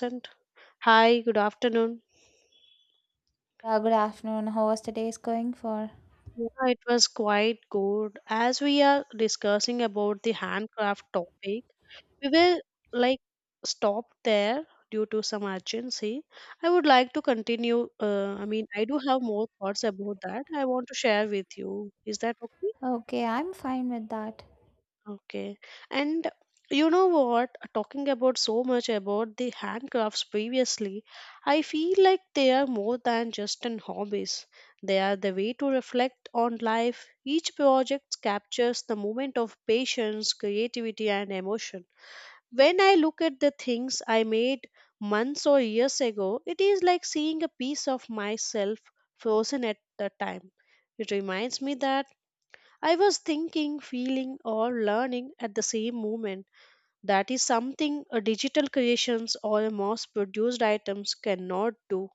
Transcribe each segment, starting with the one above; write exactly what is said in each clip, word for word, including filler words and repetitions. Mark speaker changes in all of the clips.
Speaker 1: And hi, good afternoon.
Speaker 2: Yeah, good afternoon. How was today's going for?
Speaker 1: Yeah, it was quite good. As we are discussing about the handcraft topic, we will like stop there due to some urgency. I would like to continue. Uh, I mean, I do have more thoughts about that. I want to share with you. Is that okay?
Speaker 2: Okay, I'm fine with that.
Speaker 1: Okay. And you know what? Talking about so much about the handcrafts previously, I feel like they are more than just an hobbies. They are the way to reflect on life. Each project captures the moment of patience, creativity, and emotion. When I look at the things I made months or years ago, it is like seeing a piece of myself frozen at the time. It reminds me that I was thinking, feeling, or learning at the same moment. That is something a digital creations or a mass produced items cannot do.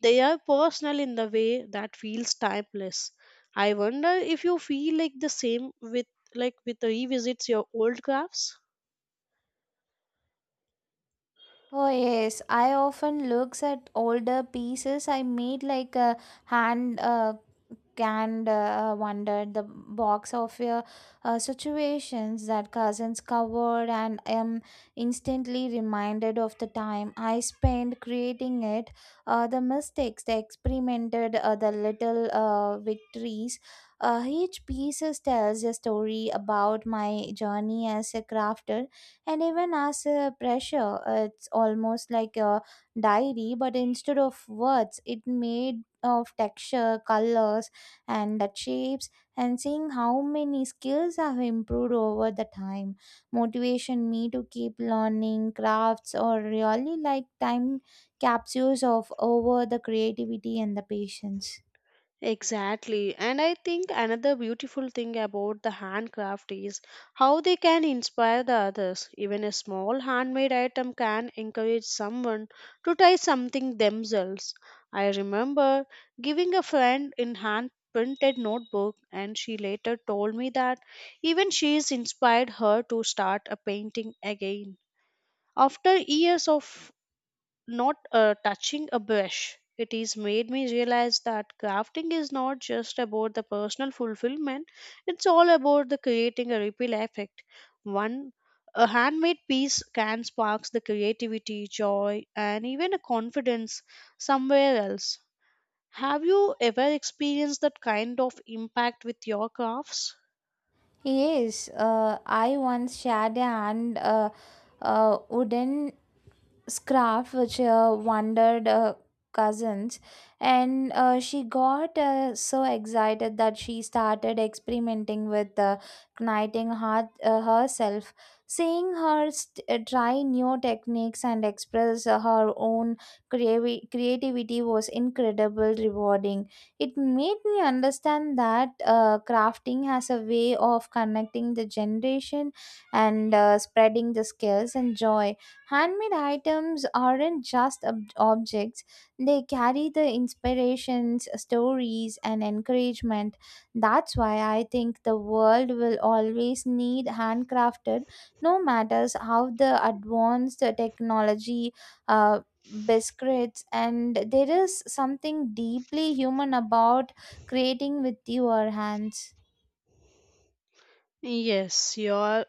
Speaker 1: They are personal in the way that feels timeless. I wonder if you feel like the same with like with revisits your old crafts.
Speaker 2: Oh yes, I often looks at older pieces I made like a hand uh, and uh, wondered the box of uh, uh, situations that cousins covered and am instantly reminded of the time I spent creating it, uh, the mistakes, the experimented, uh, the little uh, victories. Uh, each piece tells a story about my journey as a crafter and even as a pressure. It's almost like a diary, but instead of words, it made of texture, colors and that shapes, and seeing how many skills have improved over the time motivation me to keep learning crafts or really like time capsules of over the creativity and the patience.
Speaker 1: Exactly. And I think another beautiful thing about the handcraft is how they can inspire the others. Even a small handmade item can encourage someone to try something themselves. I remember giving a friend in hand printed notebook, and she later told me that even she's inspired her to start a painting again after years of not uh, touching a brush. It has made me realize that crafting is not just about the personal fulfillment, it's all about the creating a ripple effect. One a handmade piece can spark the creativity, joy, and even a confidence somewhere else. Have you ever experienced that kind of impact with your crafts?
Speaker 2: Yes, uh, I once shared a hand uh, uh, wooden scarf which uh, wandered uh, cousins, and uh, she got uh, so excited that she started experimenting with uh, knighting her, uh, herself. Seeing her st- uh, try new techniques and express uh, her own creavi- creativity was incredible rewarding. It made me understand that uh, crafting has a way of connecting the generation and uh, spreading the skills and joy. Handmade items aren't just ob- objects, they carry the inspirations, stories, and encouragement. That's why I think the world will always need handcrafted, no matters how the advanced technology. Uh, Biscuits and there is something deeply human about creating with your hands.
Speaker 1: Yes, you are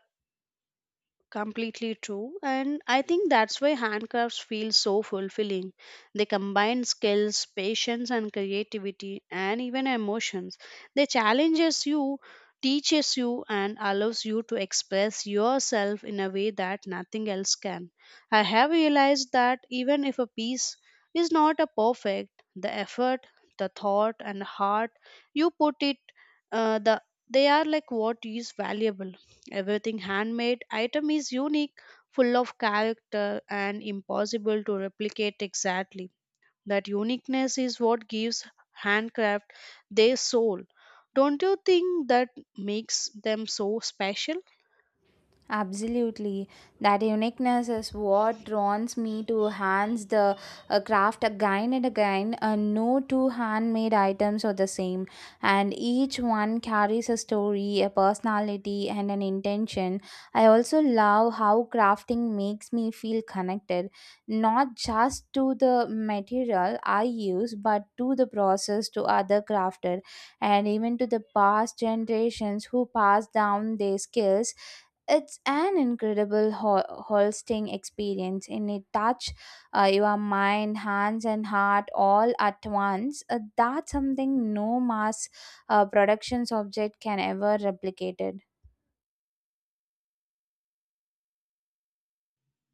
Speaker 1: completely true. And I think that's why handcrafts feel so fulfilling. They combine skills, patience, and creativity, and even emotions. They challenges you, teaches you, and allows you to express yourself in a way that nothing else can. I have realized that even if a piece is not a perfect, the effort, the thought, and heart you put it, uh, the they are like what is valuable. Everything handmade item is unique, full of character, and impossible to replicate exactly. That uniqueness is what gives handcraft their soul. Don't you think that makes them so special?
Speaker 2: Absolutely. That uniqueness is what draws me to hands the uh, craft again and again. Uh, no two handmade items are the same, and each one carries a story, a personality, and an intention. I also love how crafting makes me feel connected, not just to the material I use, but to the process, to other crafter, and even to the past generations who passed down their skills. It's an incredible ho- hosting experience, and it touch uh, your mind, hands, and heart all at once. Uh, that's something no mass uh, productions object can ever replicate. It.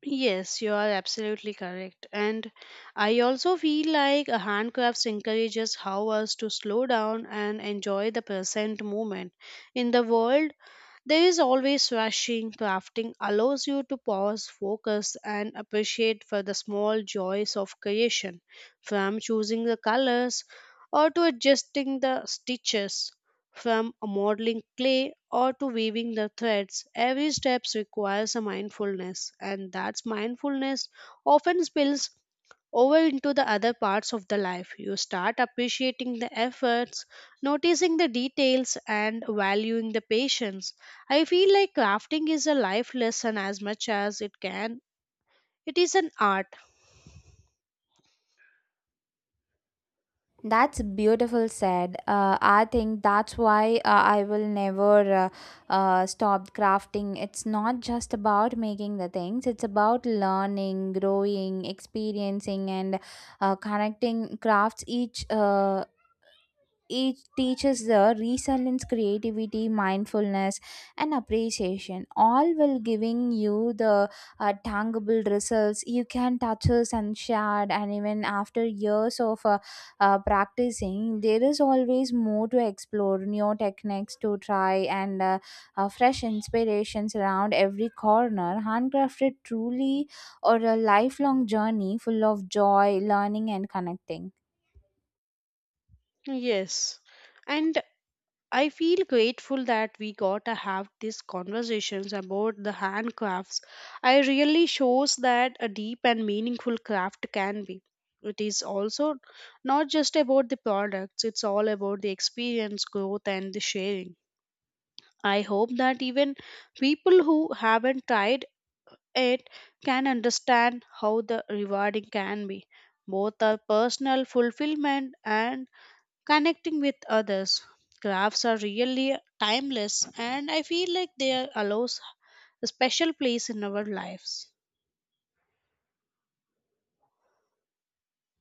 Speaker 1: Yes, you are absolutely correct. And I also feel like a handcrafts encourages how us to slow down and enjoy the present moment. In the world there is always rushing. Crafting allows you to pause, focus, and appreciate for the small joys of creation, from choosing the colors or to adjusting the stitches, from modeling clay or to weaving the threads. Every step requires a mindfulness, and that mindfulness often spills over into the other parts of the life. You start appreciating the efforts, noticing the details, and valuing the patience. I feel like crafting is a life lesson as much as it can. It is an art.
Speaker 2: That's beautiful said. Uh, I think that's why uh, I will never uh, uh, stop crafting. It's not just about making the things, it's about learning, growing, experiencing, and uh, connecting crafts each uh, it teaches the resilience creativity mindfulness and appreciation, all while giving you the uh, tangible results you can touch us and share. And even after years of uh, uh, practicing, there is always more to explore, new techniques to try and uh, uh, fresh inspirations around every corner. Handcrafted truly or a lifelong journey full of joy, learning and connecting.
Speaker 1: Yes. And I feel grateful that we got to have these conversations about the handcrafts. I really shows that a deep and meaningful craft can be. It is also not just about the products, it's all about the experience, growth, and the sharing. I hope that even people who haven't tried it can understand how the rewarding can be, both a personal fulfillment and connecting with others. Crafts are really timeless, and I feel like they are- allows a special place in our lives.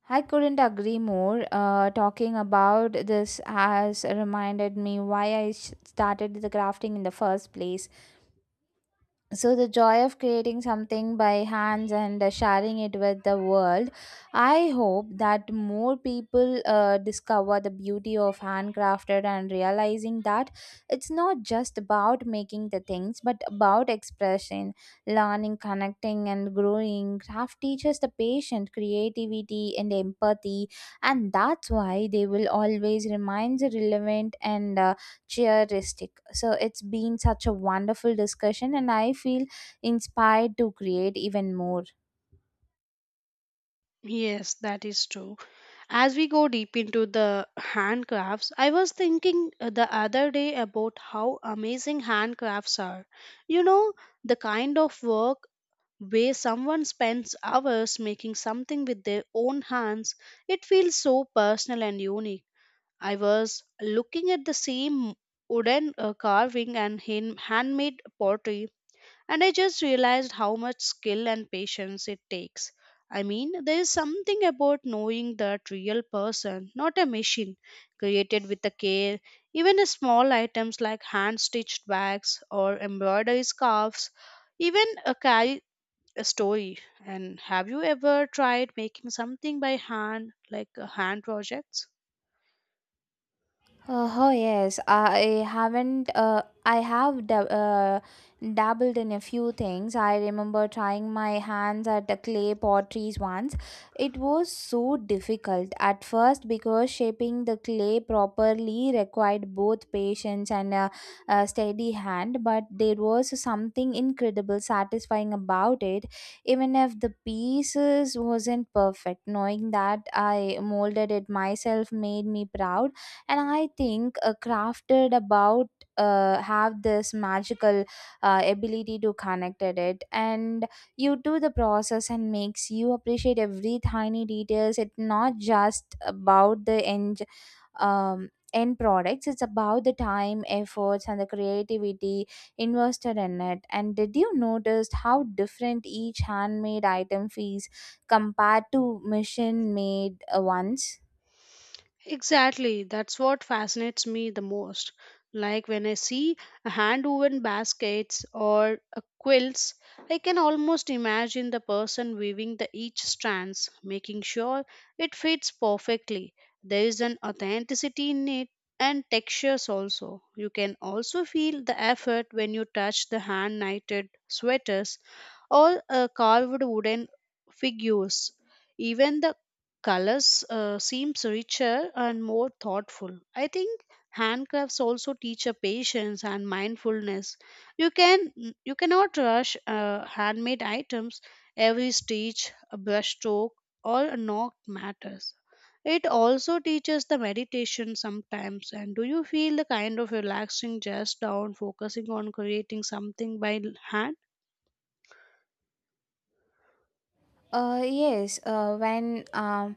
Speaker 2: I couldn't agree more. Uh, talking about this has reminded me why I s- started the crafting in the first place, so the joy of creating something by hands and uh, sharing it with the world. I hope that more people uh, discover the beauty of handcrafted and realizing that it's not just about making the things but about expression, learning, connecting and growing. Craft teaches the patient, creativity and empathy, and that's why they will always remain relevant and uh, Cheeristic. So it's been such a wonderful discussion, and I feel inspired to create even more.
Speaker 1: Yes, that is true. As we go deep into the handcrafts, I was thinking uh, the other day about how amazing handcrafts are. You know, the kind of work where someone spends hours making something with their own hands, it feels so personal and unique. I was looking at the same wooden uh, carving and hand- handmade pottery, and I just realized how much skill and patience it takes. I mean, there is something about knowing that real person, not a machine, created with the care. Even a small items like hand stitched bags or embroidery scarves even a carry a story. And have you ever tried making something by hand, like uh, hand projects?
Speaker 2: Uh, Oh yes, I haven't. Uh, I have dab- uh, dabbled in a few things. I remember trying my hands at the clay potteries once. It was so difficult at first because shaping the clay properly required both patience and a, a steady hand. But there was something incredible satisfying about it, even if the pieces wasn't perfect. Knowing that I molded it myself made me proud. And I think uh, crafted about uh, have this magical uh, ability to connect at it and you do the process and makes you appreciate every tiny details. It's not just about the end um, end products, it's about the time, efforts and the creativity invested in it. And did you notice how different each handmade item feels compared to machine made uh, ones?
Speaker 1: Exactly, that's what fascinates me the most. Like when I see a hand woven baskets or a quilts, I can almost imagine the person weaving the each strands, making sure it fits perfectly. There is an authenticity in it and textures also. You can also feel the effort when you touch the hand knitted sweaters or uh, carved wooden figures. Even the colors uh, seems richer and more thoughtful. I think handcrafts also teach a patience and mindfulness. you can you cannot rush uh, handmade items. Every stitch, a brush stroke, or a knock matters. It also teaches the meditation sometimes. And do you feel the kind of relaxing just down focusing on creating something by hand?
Speaker 2: Uh, yes, uh, when um,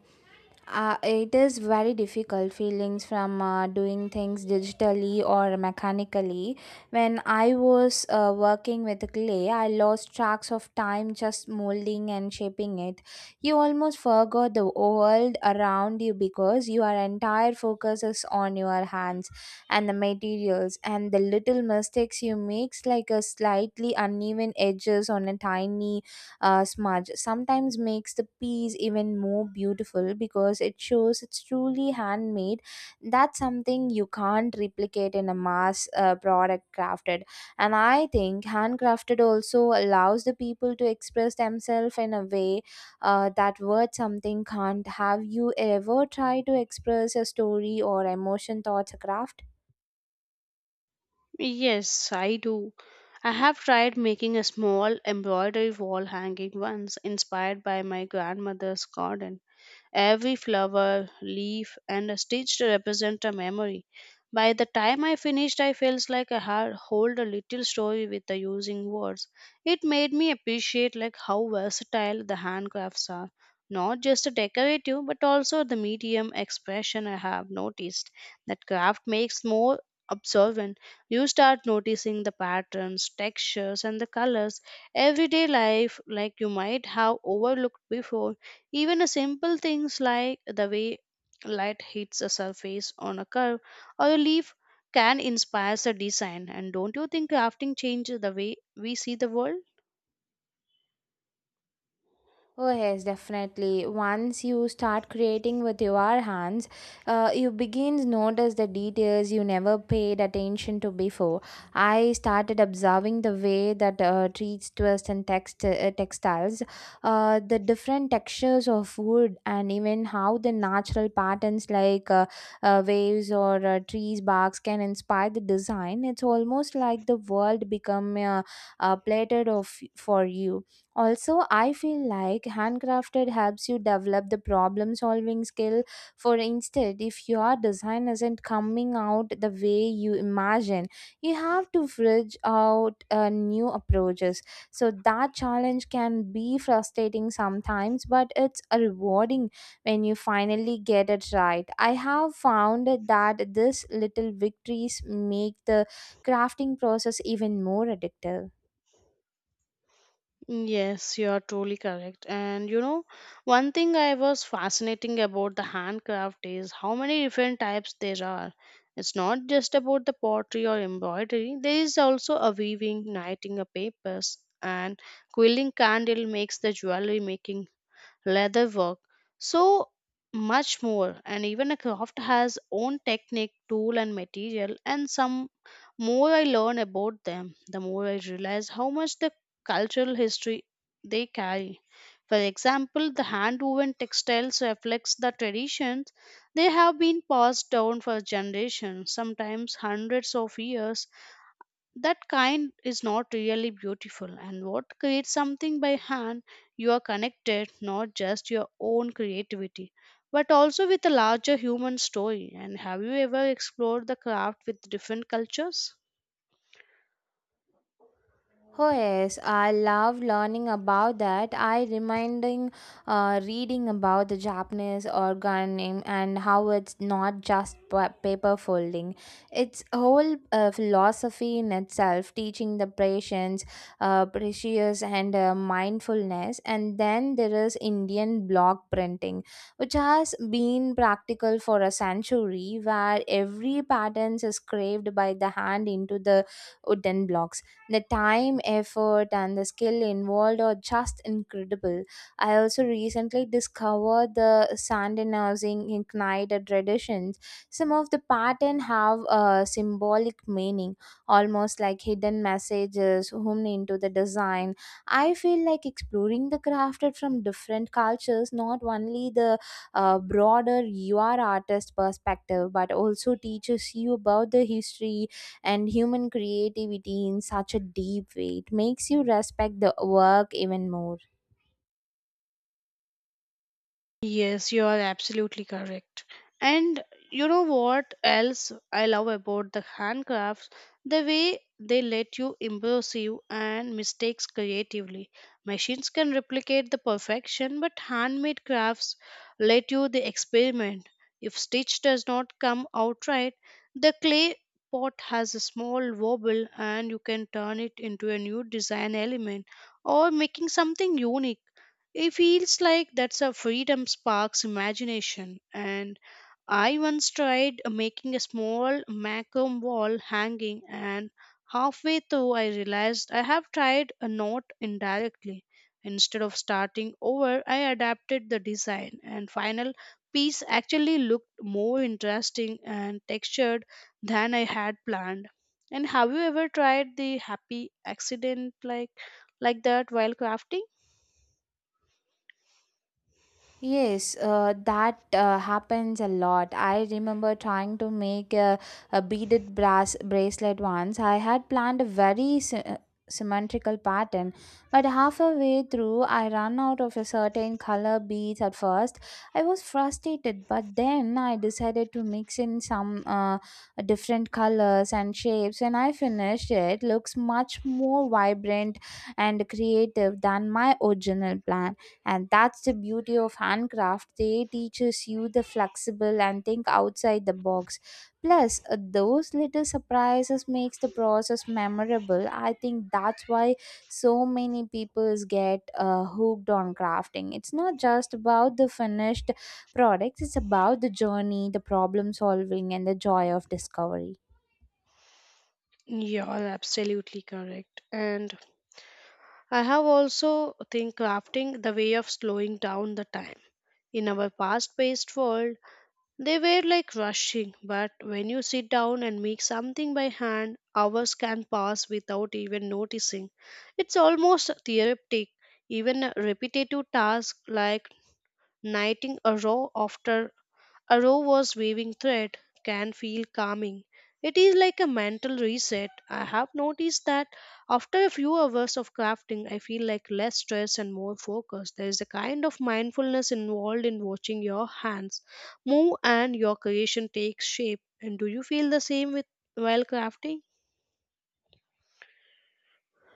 Speaker 2: uh, it is very difficult feelings from uh, doing things digitally or mechanically. When I was uh, working with clay, I lost tracks of time just molding and shaping it. You almost forgot the world around you because your entire focus is on your hands and the materials, and the little mistakes you make, like a slightly uneven edges on a tiny uh, smudge, sometimes makes the piece even more beautiful because it shows it's truly handmade. That's something you can't replicate in a mass uh, product crafted. And I think handcrafted also allows the people to express themselves in a way uh, that word something can't. Have you ever tried to express a story or emotion thoughts craft?
Speaker 1: Yes, I do. I have tried making a small embroidery wall hanging once, inspired by my grandmother's garden. Every flower, leaf, and a stitch represent a memory. By the time I finished, I felt like I had hold a little story with the using words. It made me appreciate like how versatile the handcrafts are, not just a decorative but also the medium expression. I have noticed that craft makes more observant. You start noticing the patterns, textures, and the colors everyday life like you might have overlooked before. Even a simple things like the way light hits a surface on a curve or a leaf can inspire a design. And don't you think crafting changes the way we see the world?
Speaker 2: Oh, yes, definitely. Once you start creating with your hands, uh, you begin to notice the details you never paid attention to before. I started observing the way that uh, treats, twist, and text, uh, textiles, uh, the different textures of wood, and even how the natural patterns like uh, uh, waves or uh, trees, barks can inspire the design. It's almost like the world become uh, uh, plated of for you. Also, I feel like handcrafted helps you develop the problem solving skill. For instance, if your design isn't coming out the way you imagine, you have to fridge out uh, new approaches. So, that challenge can be frustrating sometimes, but it's a rewarding when you finally get it right. I have found that these little victories make the crafting process even more addictive.
Speaker 1: Yes, you are truly correct. And you know, one thing I was fascinating about the handcraft is how many different types there are. It's not just about the pottery or embroidery. There is also a weaving, knitting, a papers, and quilling candle makes the jewelry making, leather work, so much more. And even a craft has own technique, tool, and material. And some more I learn about them, the more I realize how much the cultural history they carry. For example, the hand woven textiles reflects the traditions they have been passed down for generations, sometimes hundreds of years. That kind is not really beautiful, and what creates something by hand, you are connected not just your own creativity but also with a larger human story. And have you ever explored the craft with different cultures?
Speaker 2: Oh yes, I love learning about that. I reminding uh, reading about the Japanese organim and how it's not just pa- paper folding. It's a whole uh, philosophy in itself, teaching the patience, uh, precious and uh, mindfulness. And then there is Indian block printing, which has been practical for a century, where every pattern is carved by the hand into the wooden blocks. The time, effort, and the skill involved are just incredible. I also recently discovered the Sandinizing Ignited traditions. Some of the patterns have a symbolic meaning, almost like hidden messages woven into the design. I feel like exploring the crafted from different cultures, not only the uh, broader U. R. artist perspective, but also teaches you about the history and human creativity in such a deep way. It makes you respect the work even more.
Speaker 1: Yes, you are absolutely correct. And you know what else I love about the handcrafts? The way they let you improve and mistakes creatively. Machines can replicate the perfection, but handmade crafts let you the experiment. If stitch does not come out right, the clay pot has a small wobble, and you can turn it into a new design element or making something unique. It feels like that's a freedom sparks imagination. And I once tried making a small macam wall hanging, and halfway through, I realized I have tried a knot indirectly. Instead of starting over, I adapted the design, and final piece actually looked more interesting and textured than I had planned. And have you ever tried the happy accident like like that while crafting?
Speaker 2: Yes, uh, that uh, happens a lot. I remember trying to make a, a beaded brass bracelet once. I had planned a very sy- uh, symmetrical pattern, but halfway through, I ran out of a certain color beads at first. I was frustrated, but then I decided to mix in some uh, different colors and shapes. When I finished, it looks much more vibrant and creative than my original plan. And that's the beauty of handcraft, they teaches you the flexible and think outside the box. Plus uh, those little surprises makes the process memorable. I think that's why so many people get uh, hooked on crafting. It's not just about the finished products, it's about the journey, the problem solving and the joy of discovery.
Speaker 1: You're absolutely correct. And I have also think crafting the way of slowing down the time. In our fast paced world, they were like rushing, but when you sit down and make something by hand, hours can pass without even noticing. It's almost therapeutic. Even a repetitive task like knitting a row after a row was waving thread can feel calming. It is like a mental reset. I have noticed that after a few hours of crafting, I feel like less stressed and more focused. There is a kind of mindfulness involved in watching your hands move and your creation takes shape. And do you feel the same with while crafting?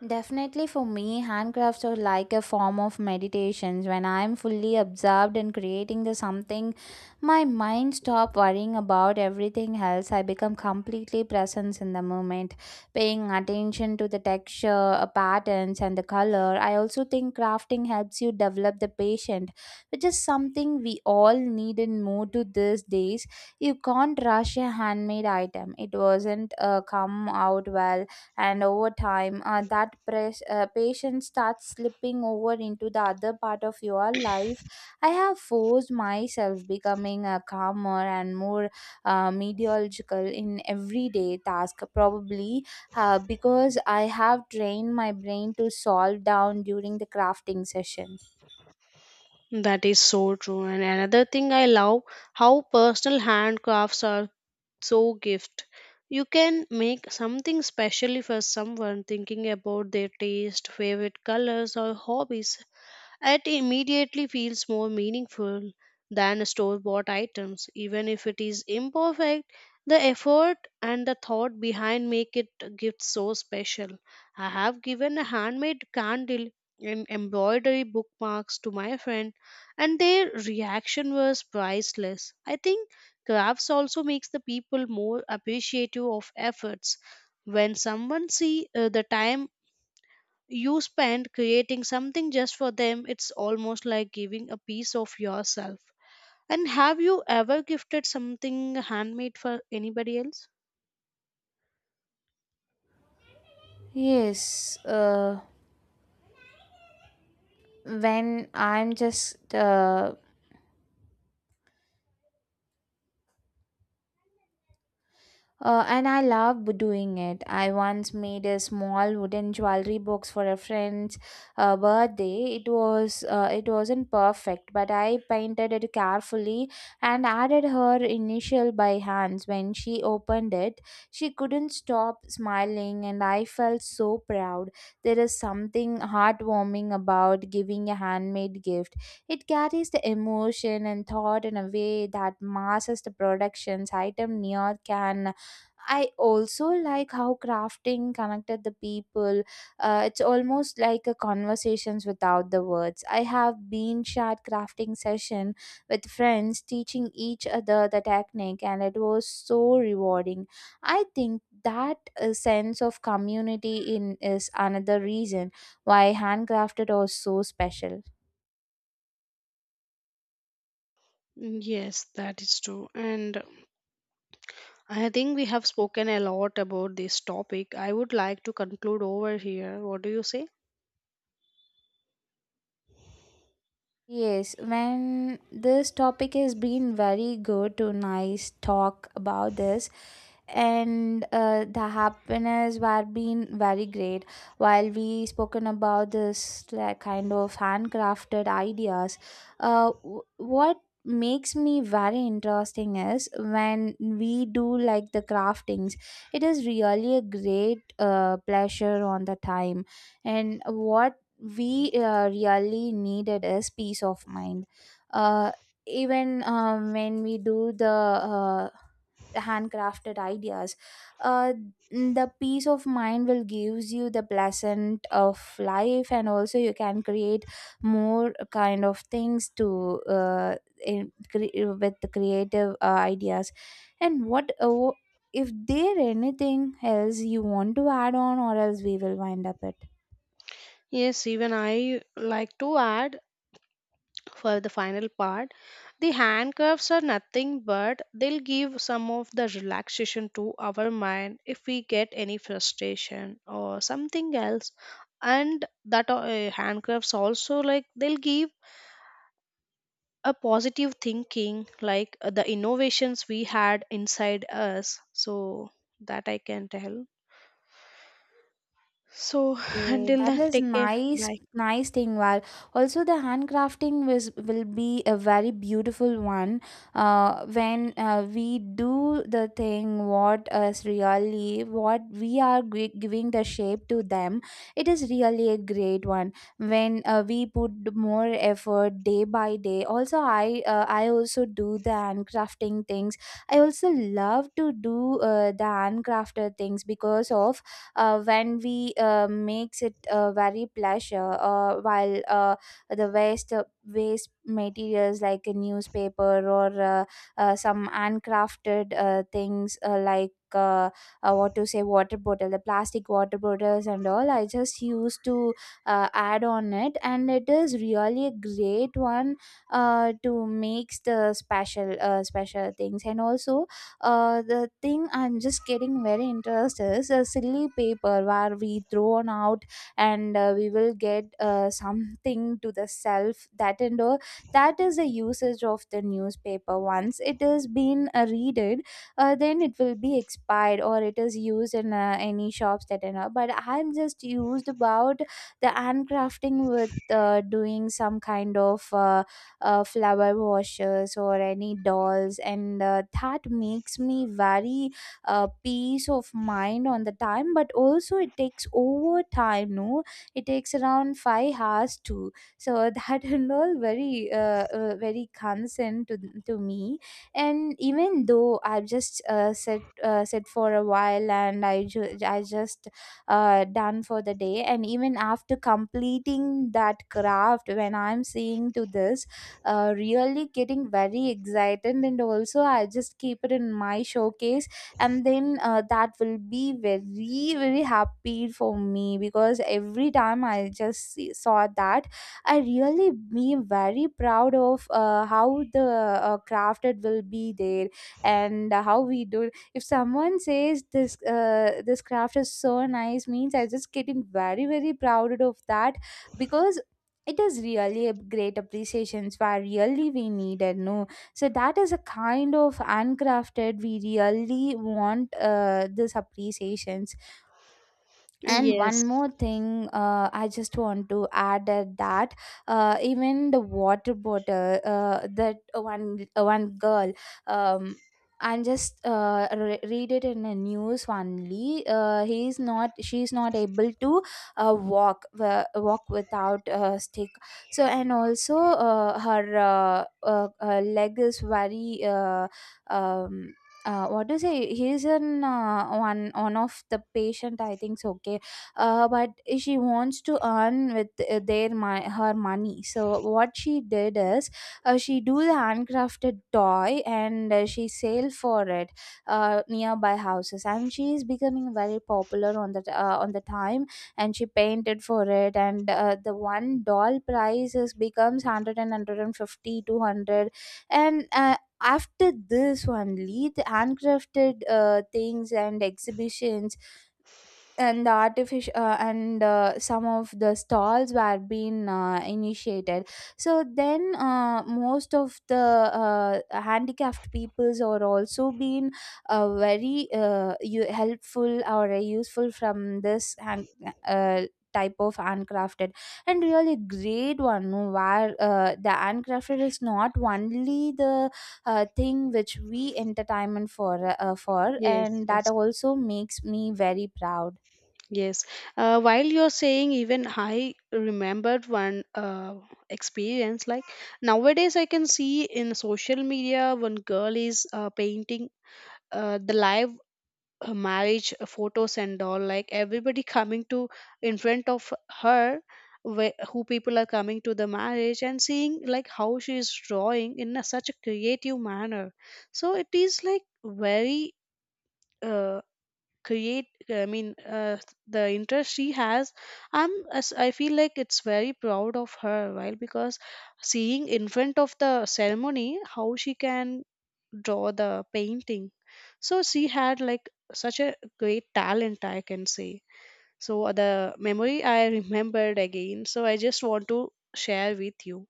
Speaker 2: Definitely, for me, handcrafts are like a form of meditations. When I am fully absorbed in creating the something, my mind stop worrying about everything else. I become completely present in the moment, paying attention to the texture, uh, patterns, and the color. I also think crafting helps you develop the patient, which is something we all need and more to these days. You can't rush a handmade item. It wasn't uh, come out well, and over time uh, that press, uh, patience starts slipping over into the other part of your life. I have forced myself becoming a calmer and more uh, methodological in everyday task, probably uh, because I have trained my brain to solve down during the crafting session.
Speaker 1: That is so true. And another thing I love how personal handcrafts are, so gift you can make something specially for someone thinking about their taste favorite colors or hobbies, it immediately feels more meaningful than store bought items. Even if it is imperfect, the effort and the thought behind make it a gift so special. I have given a handmade candle and embroidery bookmarks to my friend, and their reaction was priceless. I think crafts also makes the people more appreciative of efforts. When someone see uh, the time you spend creating something just for them, it's almost like giving a piece of yourself. And have you ever gifted something handmade for anybody else?
Speaker 2: Yes, uh, when I'm just uh, Uh, and I love b- doing it. I once made a small wooden jewelry box for a friend's uh, birthday. It was uh, it wasn't perfect, but I painted it carefully and added her initial by hands. When she opened it, she couldn't stop smiling, and I felt so proud. There is something heartwarming about giving a handmade gift. It carries the emotion and thought in a way that masses the production's item near can. I also like how crafting connected the people. Uh, it's almost like a conversations without the words. I have been shared crafting session with friends, teaching each other the technique, and it was so rewarding. I think that uh, sense of community in is another reason why handcrafted are so special.
Speaker 1: Yes, that is true. And I think we have spoken a lot about this topic. I would like to conclude over here. What do you say?
Speaker 2: Yes, when this topic has been very good to nice talk about this. and uh, the happiness were been very great while we spoken about this like, kind of handcrafted ideas. Uh, w- what makes me very interesting is when we do like the craftings. It is really a great uh, pleasure on the time, and what we uh, really needed is peace of mind. uh, Even um, when we do the uh, handcrafted ideas, uh, the peace of mind will gives you the pleasant of life, and also you can create more kind of things to uh, in, cre- with the creative uh, ideas. And what uh, if there anything else you want to add on, or else we will wind up it.
Speaker 1: Yes, even I like to add for the final part, the handcuffs are nothing but they'll give some of the relaxation to our mind if we get any frustration or something else. And that uh, handcuffs also like they'll give a positive thinking like uh, the innovations we had inside us, so that I can tell. So
Speaker 2: Okay,
Speaker 1: until
Speaker 2: that
Speaker 1: then
Speaker 2: is
Speaker 1: take care.
Speaker 2: nice,
Speaker 1: Bye.
Speaker 2: nice thing. Well, also the handcrafting was will be a very beautiful one. Uh, when uh, we do the thing, what is really what we are gi- giving the shape to them, it is really a great one. When uh, we put more effort day by day. Also, I uh, I also do the handcrafting things. I also love to do uh, the handcrafted things, because of uh, when we uh, makes it uh, very pleasure uh, while uh, the waste uh, waste materials like a newspaper, or uh, uh, some handcrafted uh, things, uh, like uh, uh, what to say, water bottle, the plastic water bottles and all, I just used to uh, add on it, and it is really a great one uh, to makes the special uh, special things. And also uh, the thing I'm just getting very interested is a silly paper where we throw on out, and uh, we will get uh, something to the self that and all. That is the usage of the newspaper. Once it has been uh, readed, uh, then it will be expired, or it is used in uh, any shops that and all. But I'm just used about the handcrafting with uh, doing some kind of. Uh, uh, flower washers or any dolls, and uh, that makes me very uh, peace of mind on the time. But also it takes over time no, it takes around five hours too. So that and all very uh, uh, very concern to, to me. And even though I've just uh, sit uh, sit for a while, and i ju- i just uh, done for the day. And even after completing that craft, when I'm seeing to this, uh, really getting very excited, and also I just keep it in my showcase. And then uh, that will be very very happy for me, because every time I just see, saw that, I really be very proud of uh, how the uh, craft it will be there. And how we do, if someone says this uh, this craft is so nice means, I just getting very very proud of that, because it is really a great appreciations where really we needed no. So that is a kind of handcrafted, we really want uh, this appreciation. And one
Speaker 1: Yes,
Speaker 2: more thing, uh, I just want to add that that, uh, even the water bottle, uh, that one uh, one girl um, and just uh, re- read it in the news only. Uh, he's not, she's not able to uh, walk uh, walk without a stick. So and also uh, her uh, uh, uh, leg is very uh, um, uh, what to say, he's in uh, one one of the patient I think so. Okay, uh, but she wants to earn with uh, their my her money. So what she did is, uh, she do the handcrafted toy, and uh, she sell for it uh, nearby houses, and she is becoming very popular on the uh, on the time. And she painted for it, and uh, the one doll price is becomes 100 and 150. And uh, after this only, the handcrafted uh, things and exhibitions and the artificial uh, and uh, some of the stalls were being uh, initiated. So then uh, most of the uh, handicapped peoples are also being uh, very uh, u- helpful or uh, useful from this hand, uh, type of handcrafted. And really great one no, where uh, the handcrafted is not only the uh, thing which we entertainment for uh, for,
Speaker 1: yes,
Speaker 2: and that
Speaker 1: yes.
Speaker 2: also makes me very proud.
Speaker 1: Yes. Uh, while you're saying, even I remembered one uh, experience. Like nowadays, I can see in social media one girl is uh, painting uh, the live uh, marriage photos and all. Like everybody coming to in front of her, where, who people are coming to the marriage and seeing like how she is drawing in a, such a creative manner. So it is like very. Uh, create uh, I mean uh, The interest she has, I'm as I feel like it's very proud of her, right? Because seeing in front of the ceremony how she can draw the painting, so she had like such a great talent, I can say. So the memory I remembered again, so I just want to share with you.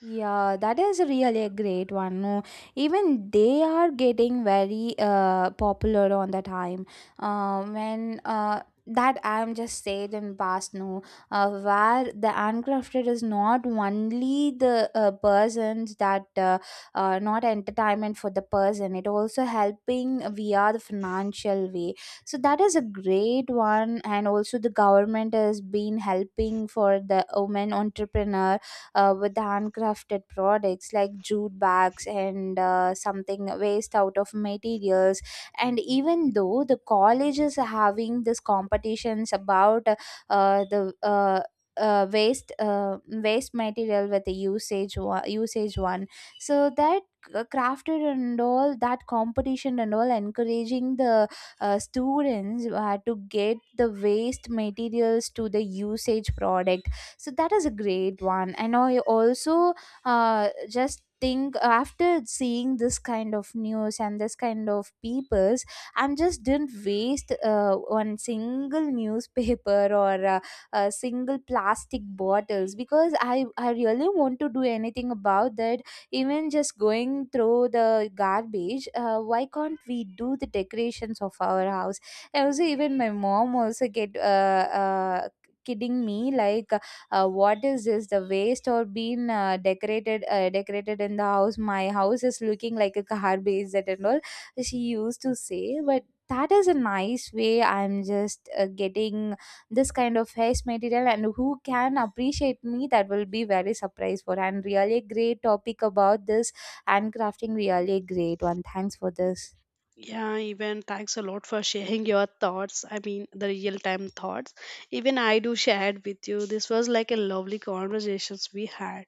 Speaker 2: Yeah, that is really a great one. No, even they are getting very uh, popular on the time. Uh, when uh, that I am just said in past, no, uh, where the handcrafted is not only the uh, persons that uh, uh, not entertainment for the person, it also helping via the financial way. So that is a great one. And also the government has been helping for the women entrepreneur uh, with handcrafted products like jute bags, and uh, something waste out of materials. And even though the college is having these competitions about uh, the uh, uh, waste uh, waste material with the usage one, usage one. So that uh, crafted and all, that competition and all, encouraging the uh, students uh, to get the waste materials to the usage product. So that is a great one. And I also uh, just think, after seeing this kind of news and this kind of peoples, I'm just didn't waste uh, one single newspaper or uh, uh, single plastic bottles, because i i really want to do anything about that. Even just going through the garbage, uh, why can't we do the decorations of our house? And also, even my mom also get uh, uh, kidding me like, uh, what is this, the waste or been uh, decorated uh, decorated in the house, my house is looking like a garbage that and all, she used to say. But that is a nice way, I'm just uh, getting this kind of face material, and who can appreciate me, that will be very surprised for. And really great topic about this, and crafting, really great one, thanks for this.
Speaker 1: Yeah, even thanks a lot for sharing your thoughts. I mean, the real time thoughts. Even I do shared with you. This was like a lovely conversations we had.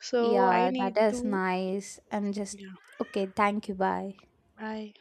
Speaker 1: So I
Speaker 2: Yeah, that
Speaker 1: need
Speaker 2: is
Speaker 1: to,
Speaker 2: nice, I'm just
Speaker 1: yeah,
Speaker 2: okay, thank you, bye.
Speaker 1: bye.